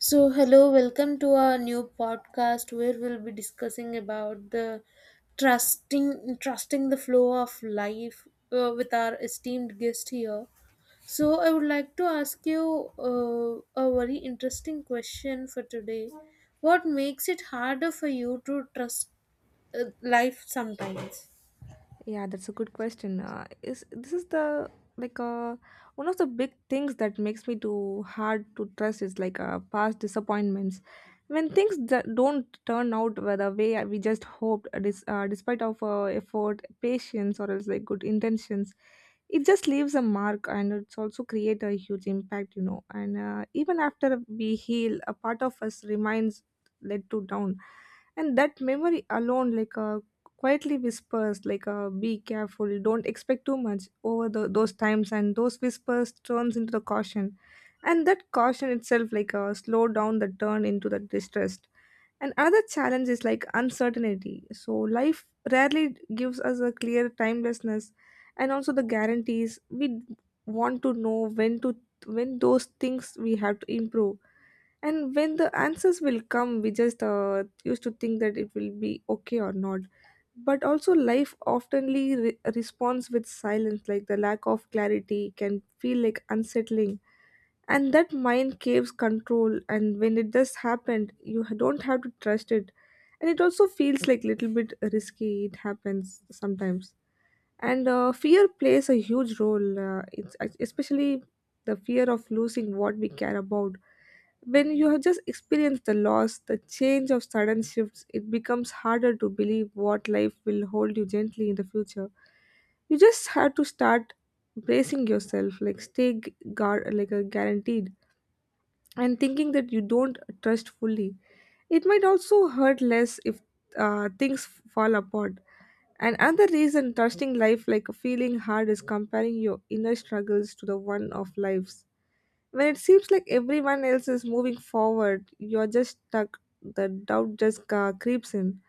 So, So, hello, welcome to our new podcast where we'll be discussing about the trusting the flow of life with our esteemed guest here. So, I would like to ask you a very interesting question for today. What makes it harder for you to trust life sometimes? Yeah, that's a good question. Is this is the like uh, one of the big things that makes me too hard to trust is past disappointments. When things that don't turn out the way we just hoped, despite of effort, patience, or else like good intentions, it just leaves a mark, and it's also create a huge impact, you know. And even after we heal, a part of us remains let to down, and that memory alone quietly whispers be careful, don't expect too much over the, those times, and those whispers turns into the caution, and that caution itself slow down the turn into the distrust. And another challenge is like uncertainty, so life rarely gives us a clear timelessness, and also the guarantees we want to know when to, when those things we have to improve, and when the answers will come, we just used to think that it will be okay or not, but also life oftenly responds with silence, like the lack of clarity can feel like unsettling, and that mind caves control, and when it just happened, you don't have to trust it, and it also feels like little bit risky, it happens sometimes. And fear plays a huge role, it's especially the fear of losing what we care about. When you have just experienced the loss, the change of sudden shifts, it becomes harder to believe what life will hold you gently in the future. You just have to start bracing yourself, like stay guard, like a guaranteed, and thinking that you don't trust fully. It might also hurt less if things fall apart. And another reason trusting life like a feeling hard is comparing your inner struggles to the one of life's. When it seems like everyone else is moving forward, you're just stuck. The doubt just creeps in.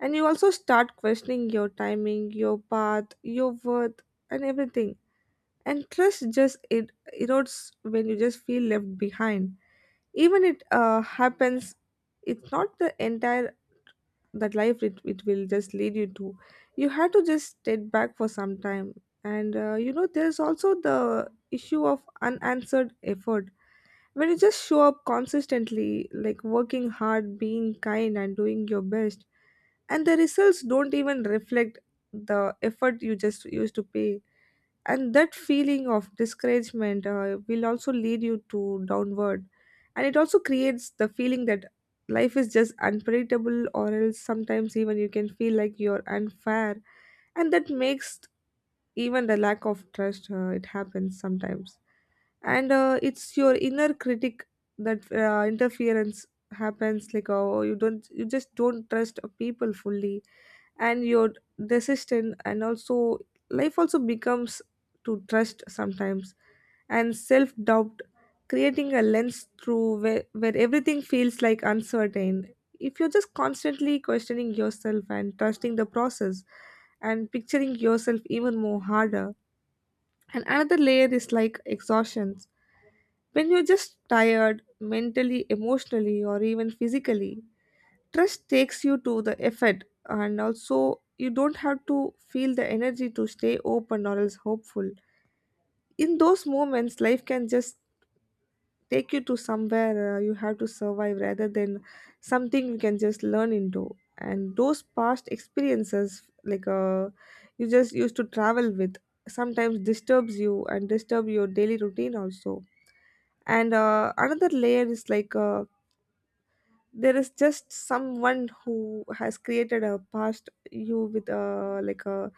And you also start questioning your timing, your path, your worth, and everything. And trust just it erodes when you just feel left behind. Even it happens, it's not the entire that life it will just lead you to. You have to just step back for some time. And you know, there's also the issue of unanswered effort when you just show up consistently, like working hard, being kind, and doing your best, and the results don't even reflect the effort you just used to pay. And that feeling of discouragement will also lead you to downward. And it also creates the feeling that life is just unpredictable, or else sometimes even you can feel like you're unfair. And that makes even the lack of trust it happens sometimes. And it's your inner critic that interference happens like, oh, you just don't trust people fully, and your are, and also life also becomes to trust sometimes, and self-doubt creating a lens through where everything feels like uncertain if you're just constantly questioning yourself and trusting the process and picturing yourself even more harder. And another layer is like exhaustion. When you're just tired mentally, emotionally, or even physically, trust takes you to the effort, and also you don't have to feel the energy to stay open or else hopeful. In those moments life can just take you to somewhere you have to survive rather than something you can just learn into. And those past experiences you just used to travel with sometimes disturbs you and disturb your daily routine also. And another layer is there is just someone who has created a past you with a like a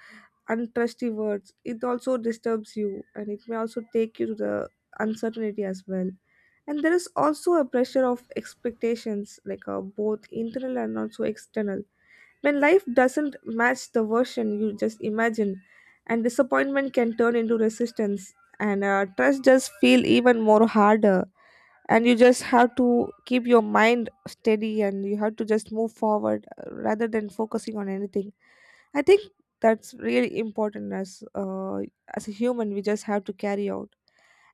untrusty words, it also disturbs you, and it may also take you to the uncertainty as well. And there is also a pressure of expectations, both internal and also external. When life doesn't match the version you just imagine, and disappointment can turn into resistance, and trust just feel even more harder, and you just have to keep your mind steady, and you have to just move forward rather than focusing on anything. I think that's really important as a human we just have to carry out.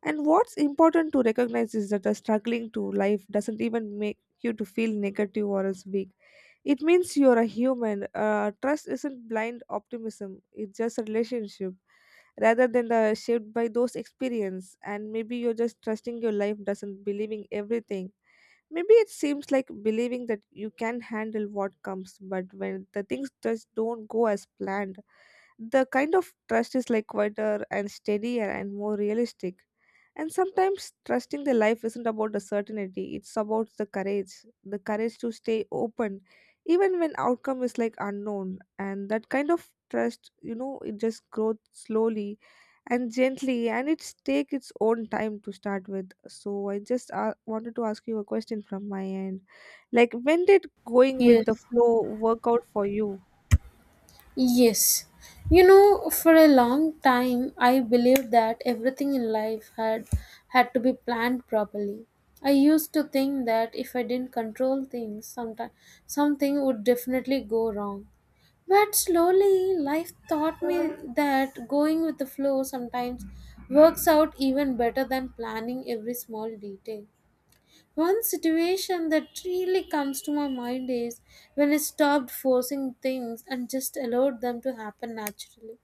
And what's important to recognize is that the struggling to life doesn't even make you to feel negative or as weak. It means you're a human. Trust isn't blind optimism. It's just a relationship rather than the shaped by those experience. And maybe you're just trusting your life doesn't believing everything. Maybe it seems like believing that you can handle what comes, but when the things just don't go as planned, the kind of trust is like quieter and steadier and more realistic. And sometimes trusting the life isn't about the certainty, it's about the courage to stay open even when outcome is like unknown. And that kind of trust, you know, it just grows slowly and gently, and it's take its own time to start with. So I just wanted to ask you a question from my end. Like, when did going with the Yes. flow work out for you? Yes. You know, for a long time I believed that everything in life had to be planned properly. I used to think that if I didn't control things, sometime something would definitely go wrong. But slowly life taught me that going with the flow sometimes works out even better than planning every small detail. One situation that really comes to my mind is when I stopped forcing things and just allowed them to happen naturally.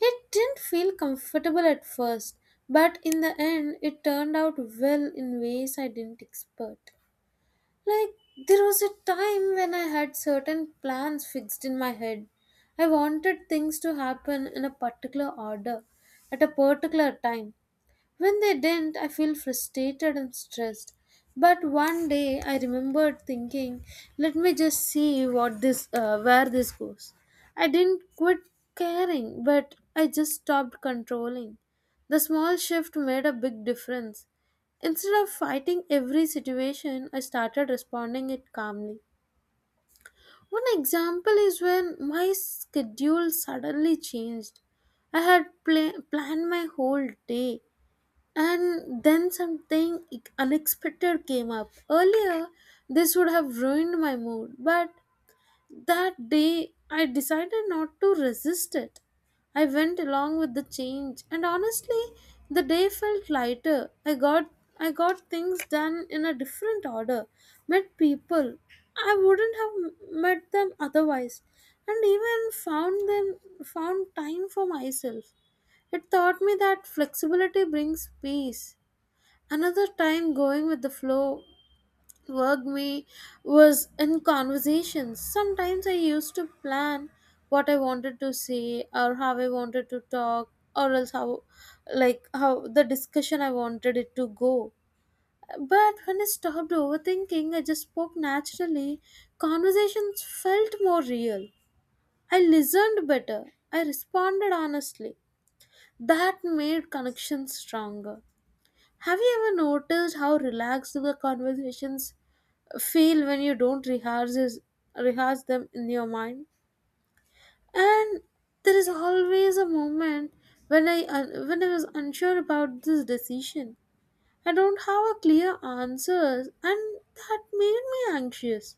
It didn't feel comfortable at first, but in the end, it turned out well in ways I didn't expect. Like, there was a time when I had certain plans fixed in my head. I wanted things to happen in a particular order, at a particular time. When they didn't, I feel frustrated and stressed. But one day I remembered thinking, let me just see what this where this goes. I didn't quit caring, but I just stopped controlling. The small shift made a big difference. Instead of fighting every situation, I started responding it calmly. One example is when my schedule suddenly changed. I had planned my whole day, and then something unexpected came up. Earlier, this would have ruined my mood, but that day I decided not to resist it. I went along with the change, and honestly, the day felt lighter. I got things done in a different order, met people I wouldn't have met them otherwise, and even found time for myself. It taught me that flexibility brings peace. Another time going with the flow worked me was in conversations. Sometimes I used to plan what I wanted to say or how I wanted to talk or else how like how the discussion I wanted it to go. But when I stopped overthinking, I just spoke naturally. Conversations felt more real. I listened better. I responded honestly. That made connections stronger. Have you ever noticed how relaxed the conversations feel when you don't rehearse them in your mind? And there is always a moment when when I was unsure about this decision. I don't have a clear answers, and that made me anxious.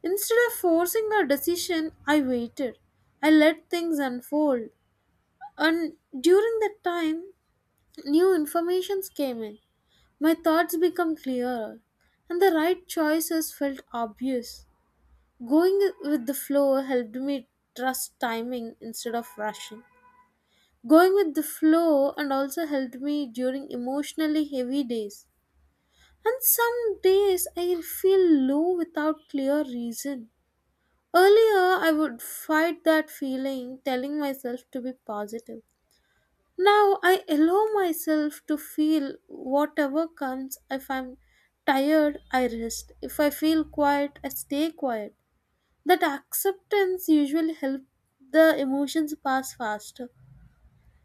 Instead of forcing a decision, I waited. I let things unfold, and during that time, new informations came in. My thoughts become clearer, and the right choices felt obvious. Going with the flow helped me trust timing instead of rushing. Going with the flow and also helped me during emotionally heavy days. And some days I feel low without clear reason. Earlier, I would fight that feeling, telling myself to be positive. Now I allow myself to feel whatever comes. If I'm tired, I rest. If I feel quiet, I stay quiet. That acceptance usually helps the emotions pass faster.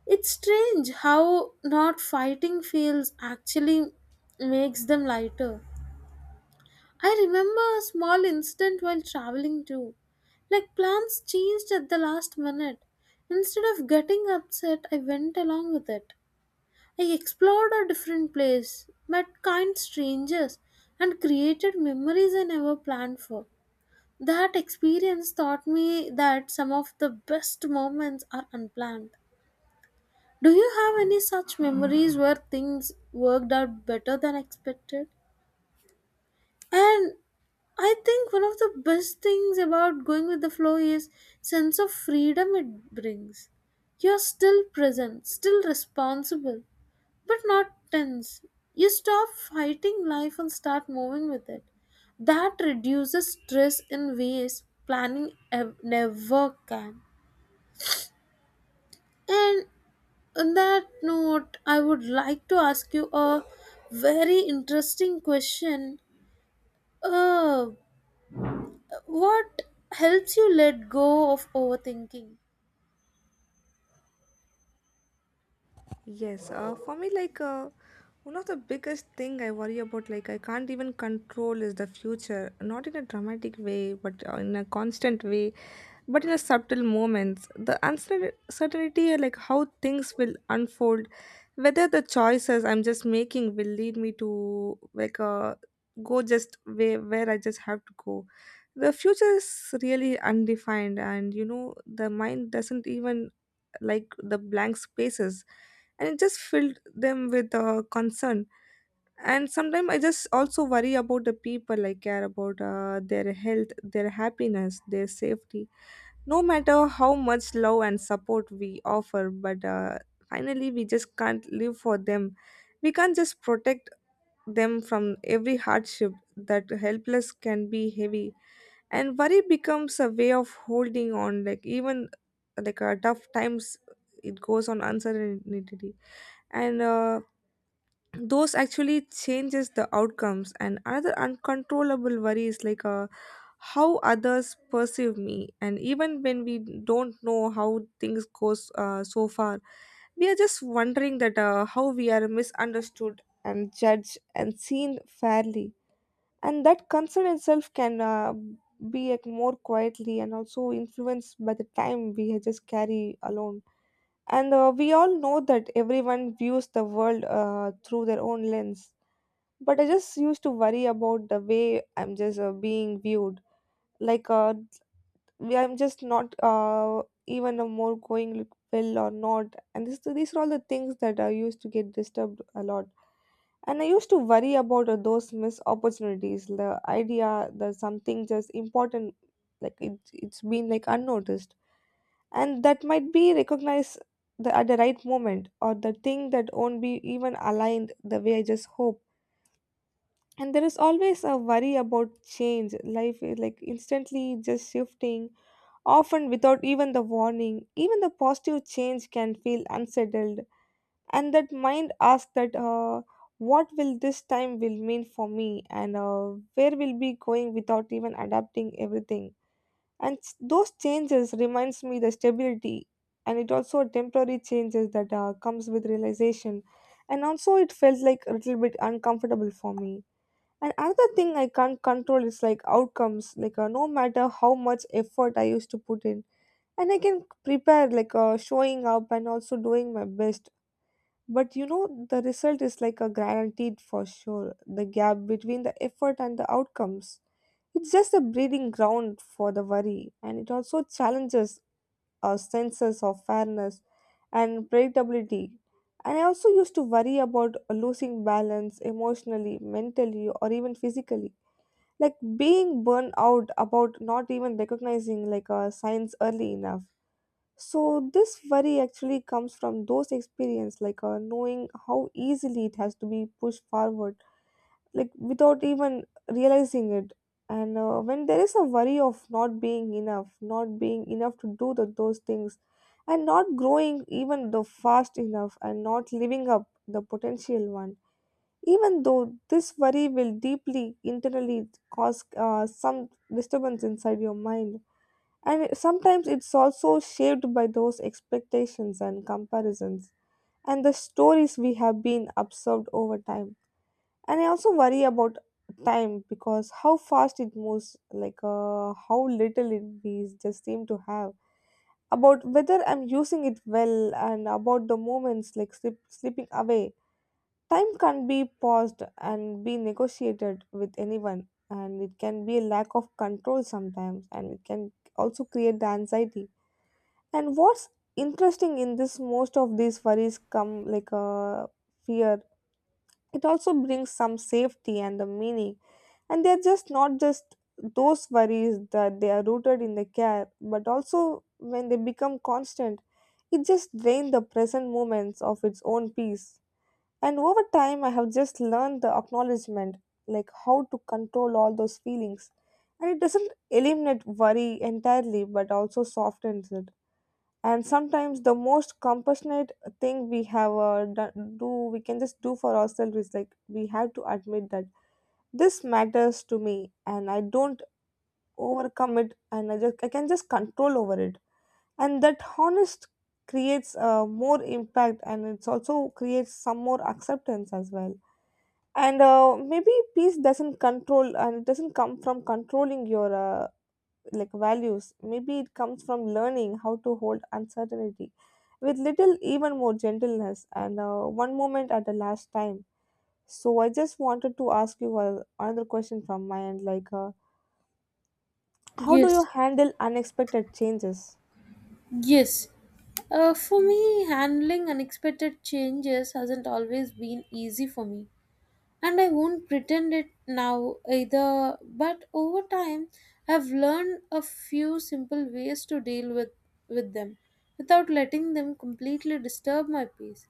It's strange how not fighting feels actually makes them lighter. I remember a small incident while traveling too. Like plans changed at the last minute. Instead of getting upset, I went along with it. I explored a different place, met kind strangers, and created memories I never planned for. That experience taught me that some of the best moments are unplanned. Do you have any such memories where things worked out better than expected? And I think one of the best things about going with the flow is sense of freedom it brings. You're still present, still responsible, but not tense. You stop fighting life and start moving with it. That reduces stress in ways planning never can. And on that note, I would like to ask you a very interesting question. Uh, what helps you let go of overthinking? Yes, for me, one of the biggest thing I worry about, like I can't even control, is the future. Not in a dramatic way, but in a constant way, but in a subtle moments. The uncertainty, like how things will unfold, whether the choices I'm just making will lead me to go just where I just have to go. The future is really undefined, and you know the mind doesn't even like the blank spaces, and it just filled them with concern. And sometimes I just also worry about the people I care about, their health, their happiness, their safety. No matter how much love and support we offer, but finally we just can't live for them, we can't just protect them from every hardship, that helpless can be heavy, and worry becomes a way of holding on, like even tough times, it goes on uncertainty. And those actually changes the outcomes. And another uncontrollable worry is how others perceive me. And even when we don't know how things goes so far, we are just wondering that how we are misunderstood and judged and seen fairly, and that concern itself can be like more quietly and also influenced by the time we just carry alone. And we all know that everyone views the world through their own lens, but I just used to worry about the way I'm just being viewed, like uh, we I'm just not even a more going look well or not. And this, these are all the things that I used to get disturbed a lot. And I used to worry about those missed opportunities, the idea that something just important, like it's been like unnoticed, and that might be recognized the, at the right moment, or the thing that won't be even aligned the way I just hope. And there is always a worry about change. Life is like instantly just shifting often without even the warning. Even the positive change can feel unsettled, and that mind asks that what will this time will mean for me, and where will be going without even adapting everything. And those changes reminds me the stability, and it also temporary changes that comes with realization, and also it felt like a little bit uncomfortable for me. And another thing I can't control is like outcomes. No matter how much effort I used to put in, and I can prepare showing up and also doing my best. But you know, the result is like a guaranteed for sure. The gap between the effort and the outcomes, it's just a breeding ground for the worry, and it also challenges our senses of fairness and predictability. And I also used to worry about losing balance emotionally, mentally, or even physically. Like being burned out about not even recognizing like a signs early enough, so this worry actually comes from those experience, knowing how easily it has to be pushed forward, like without even realizing it. And when there is a worry of not being enough, not being enough to do the, those things, and not growing even the fast enough, and not living up the potential one, even though this worry will deeply internally cause some disturbance inside your mind, and sometimes it's also shaped by those expectations and comparisons and the stories we have been absorbed over time. And I also worry about time because how fast it moves, how little it we just seem to have. About whether I'm using it well and about the moments like slipping away. Time can be paused and be negotiated with anyone, and it can be a lack of control sometimes, and it can also create the anxiety and what's interesting in this, most of these worries come like a fear. It also brings some safety and the meaning. And they're just not just those worries that they are rooted in the care, but also when they become constant, it just drains the present moments of its own peace. And over time, I have just learned the acknowledgement, like how to control all those feelings. And it doesn't eliminate worry entirely, but also softens it, and sometimes the most compassionate thing we have done, do we can just do for ourselves is like we have to admit that this matters to me, and I don't overcome it, and I can just control over it. And that honest creates more impact, and it's also creates some more acceptance as well. And maybe peace doesn't control and it doesn't come from controlling your like values. Maybe it comes from learning how to hold uncertainty with little, even more gentleness and one moment at the last time. So I just wanted to ask you another question from my end, like, how do you Yes, handle unexpected changes? yes. For me, handling unexpected changes hasn't always been easy for me, and I won't pretend it now either. But over time, I've learned a few simple ways to deal with them without letting them completely disturb my peace.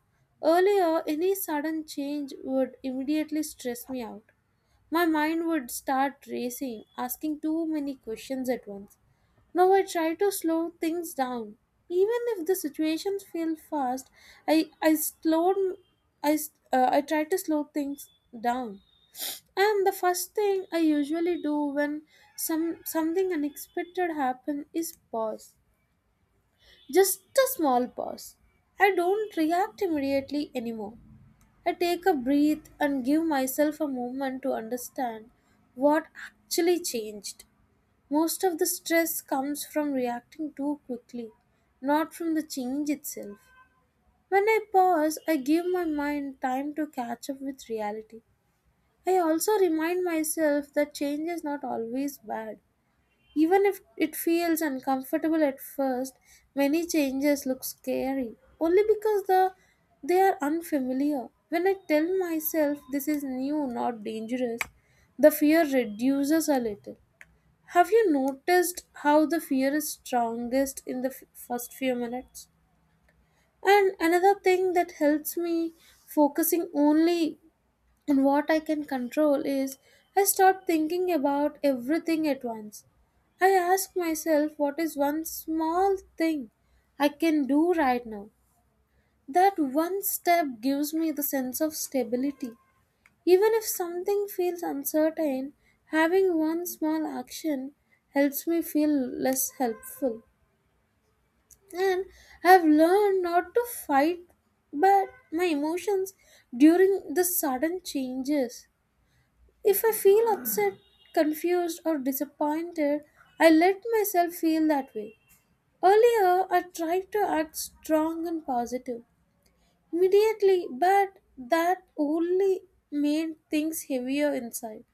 Earlier, any sudden change would immediately stress me out. My mind would start racing, asking too many questions at once. Now I try to slow things down. Even if the situations feel fast, I I slowed I try to slow things down. And the first thing I usually do when something unexpected happen is pause. Just a small pause. I don't react immediately anymore. I take a breath and give myself a moment to understand what actually changed. Most of the stress comes from reacting too quickly, not from the change itself. When I pause, I give my mind time to catch up with reality. I also remind myself that change is not always bad. Even if it feels uncomfortable at first, many changes look scary only because the they are unfamiliar. When I tell myself this is new, not dangerous, the fear reduces a little. Have you noticed how the fear is strongest in the first few minutes? And another thing that helps me focusing only on what I can control is I stop thinking about everything at once. I ask myself what is one small thing I can do right now. That one step gives me the sense of stability. Even if something feels uncertain, having one small action helps me feel less helpful. And I've learned not to fight but my emotions during the sudden changes. If I feel upset, confused, or disappointed, I let myself feel that way. Earlier, I tried to act strong and positive immediately, but that only made things heavier inside.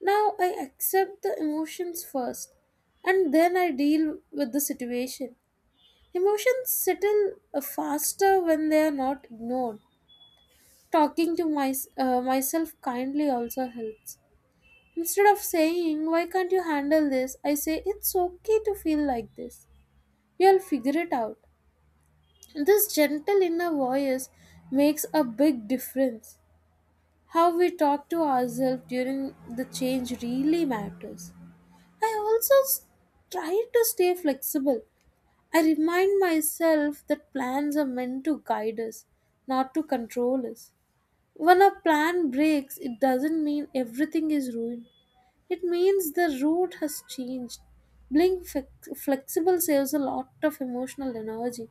Now I accept the emotions first and then I deal with the situation. Emotions settle faster when they are not ignored. Talking to myself kindly also helps. Instead of saying, "Why can't you handle this?" I say, "It's okay to feel like this. You'll figure it out." This gentle inner voice makes a big difference. How we talk to ourselves during the change really matters. I also try to stay flexible. I remind myself that plans are meant to guide us, not to control us. When a plan breaks, it doesn't mean everything is ruined. It means the route has changed. Being flexible saves a lot of emotional energy.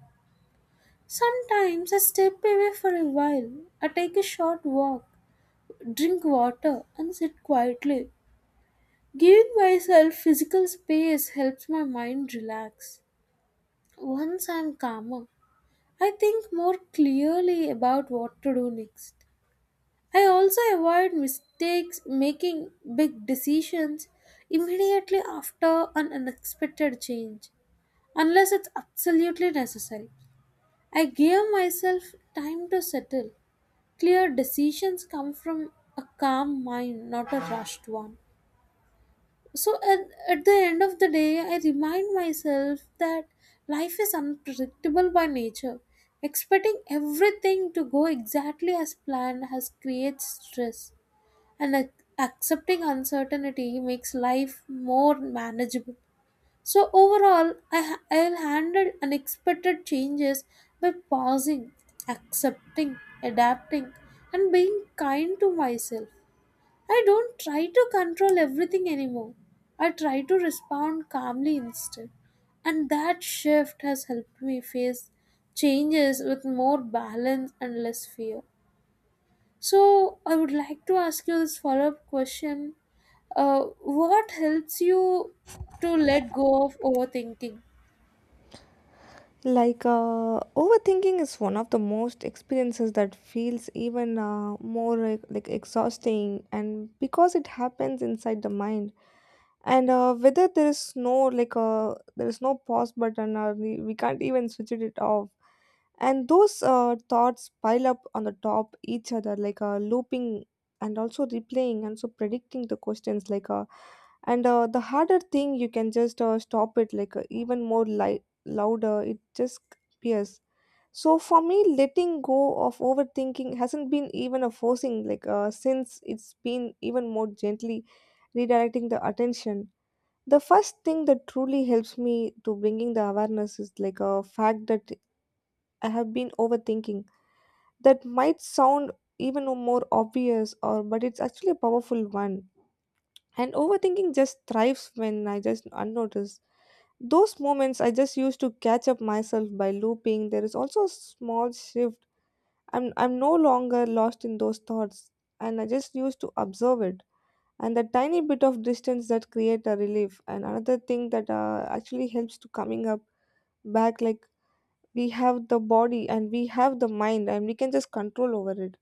Sometimes I step away for a while. I take a short walk, drink water, and sit quietly. Giving myself physical space helps my mind relax. Once I'm calmer, I think more clearly about what to do next. I also avoid mistakes, making big decisions immediately after an unexpected change, unless it's absolutely necessary. I give myself time to settle. Clear decisions come from a calm mind, not a rushed one. So at the end of the day, I remind myself that life is unpredictable by nature. Expecting everything to go exactly as planned has creates stress, and accepting uncertainty makes life more manageable. So overall, I'll handle unexpected changes by pausing, accepting, adapting, and being kind to myself. I don't try to control everything anymore. I try to respond calmly instead. And that shift has helped me face changes with more balance and less fear. So, I would like to ask you this follow up question uh, what helps you to let go of overthinking? Like, overthinking is one of the most experiences that feels even more like exhausting, and because it happens inside the mind, and whether there is no there is no pause button, or we can't even switch it off, and those thoughts pile up on the top each other like looping and also replaying and so predicting the questions like and the harder thing you can just stop it like even more louder it just appears. So for me, letting go of overthinking hasn't been even a forcing like since it's been even more gently redirecting the attention. The first thing that truly helps me to bringing the awareness is like a fact that I have been overthinking. That might sound even more obvious, or but it's actually a powerful one. And overthinking just thrives when I just unnoticed those moments. I just used to catch up myself by looping. There is also a small shift. I'm no longer lost in those thoughts, and I just used to observe it. And the tiny bit of distance that create a relief. And another thing that actually helps to coming up back, like we have the body and we have the mind and we can just control over it.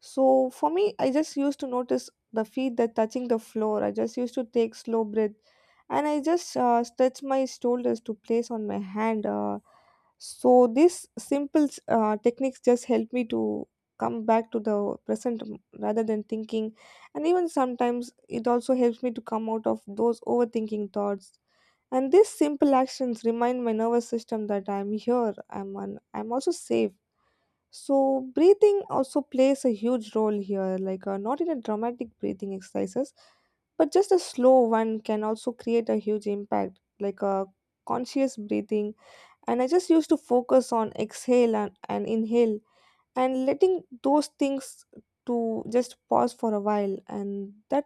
So for me, I just used to notice the feet that touching the floor. I just used to take slow breath, and I just stretch my shoulders to place on my hand. So these simple techniques just help me to come back to the present rather than thinking, and even sometimes it also helps me to come out of those overthinking thoughts. And these simple actions remind my nervous system that I'm here. I'm also safe. So breathing also plays a huge role here, like not in a dramatic breathing exercises, but just a slow one can also create a huge impact, like a conscious breathing. And I just used to focus on exhale and inhale and letting those things to just pause for a while, and that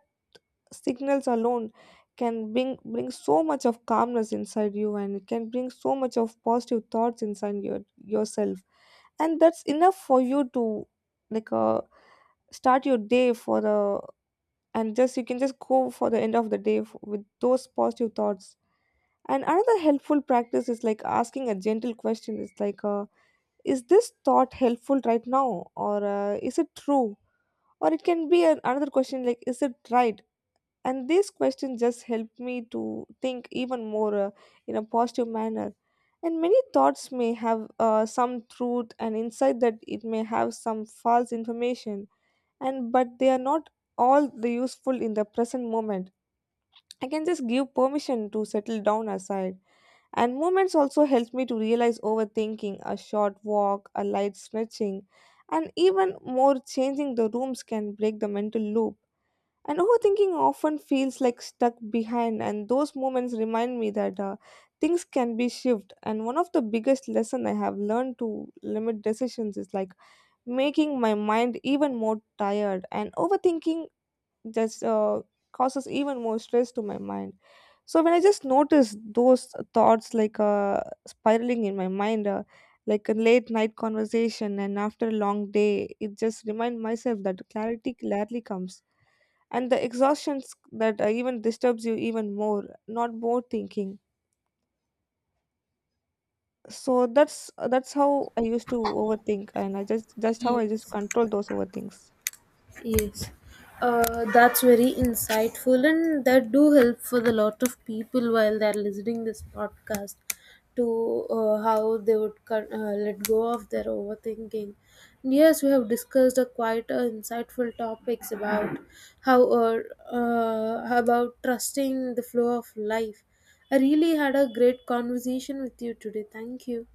signals alone can bring so much of calmness inside you, and it can bring so much of positive thoughts inside yourself, and that's enough for you to like start your day for the, and just you can just go for the end of the day with those positive thoughts. And another helpful practice is like asking a gentle question. It's like is this thought helpful right now, or is it true, or it can be an, another question like is it right? And these questions just help me to think even more in a positive manner. And many thoughts may have some truth and insight that it may have some false information, and but they are not all the useful in the present moment. I can just give permission to settle down aside. And movements also help me to realize overthinking, a short walk, a light stretching, and even more changing the rooms can break the mental loop. And overthinking often feels like stuck behind, and those moments remind me that things can be shifted. And one of the biggest lessons I have learned to limit decisions is like making my mind even more tired, and overthinking just causes even more stress to my mind. So when I just notice those thoughts like spiraling in my mind, like a late night conversation, and after a long day, it just remind myself that clarity rarely comes and the exhaustion that even disturbs you even more, not more thinking. So that's how I used to overthink, and I just how I just Yes. control those overthinks. Yes, that's very insightful, and that do help for a lot of people while they're listening this podcast to how they would cut, let go of their overthinking. And yes, we have discussed a quite insightful topics about how or about trusting the flow of life. I really had a great conversation with you today. Thank you.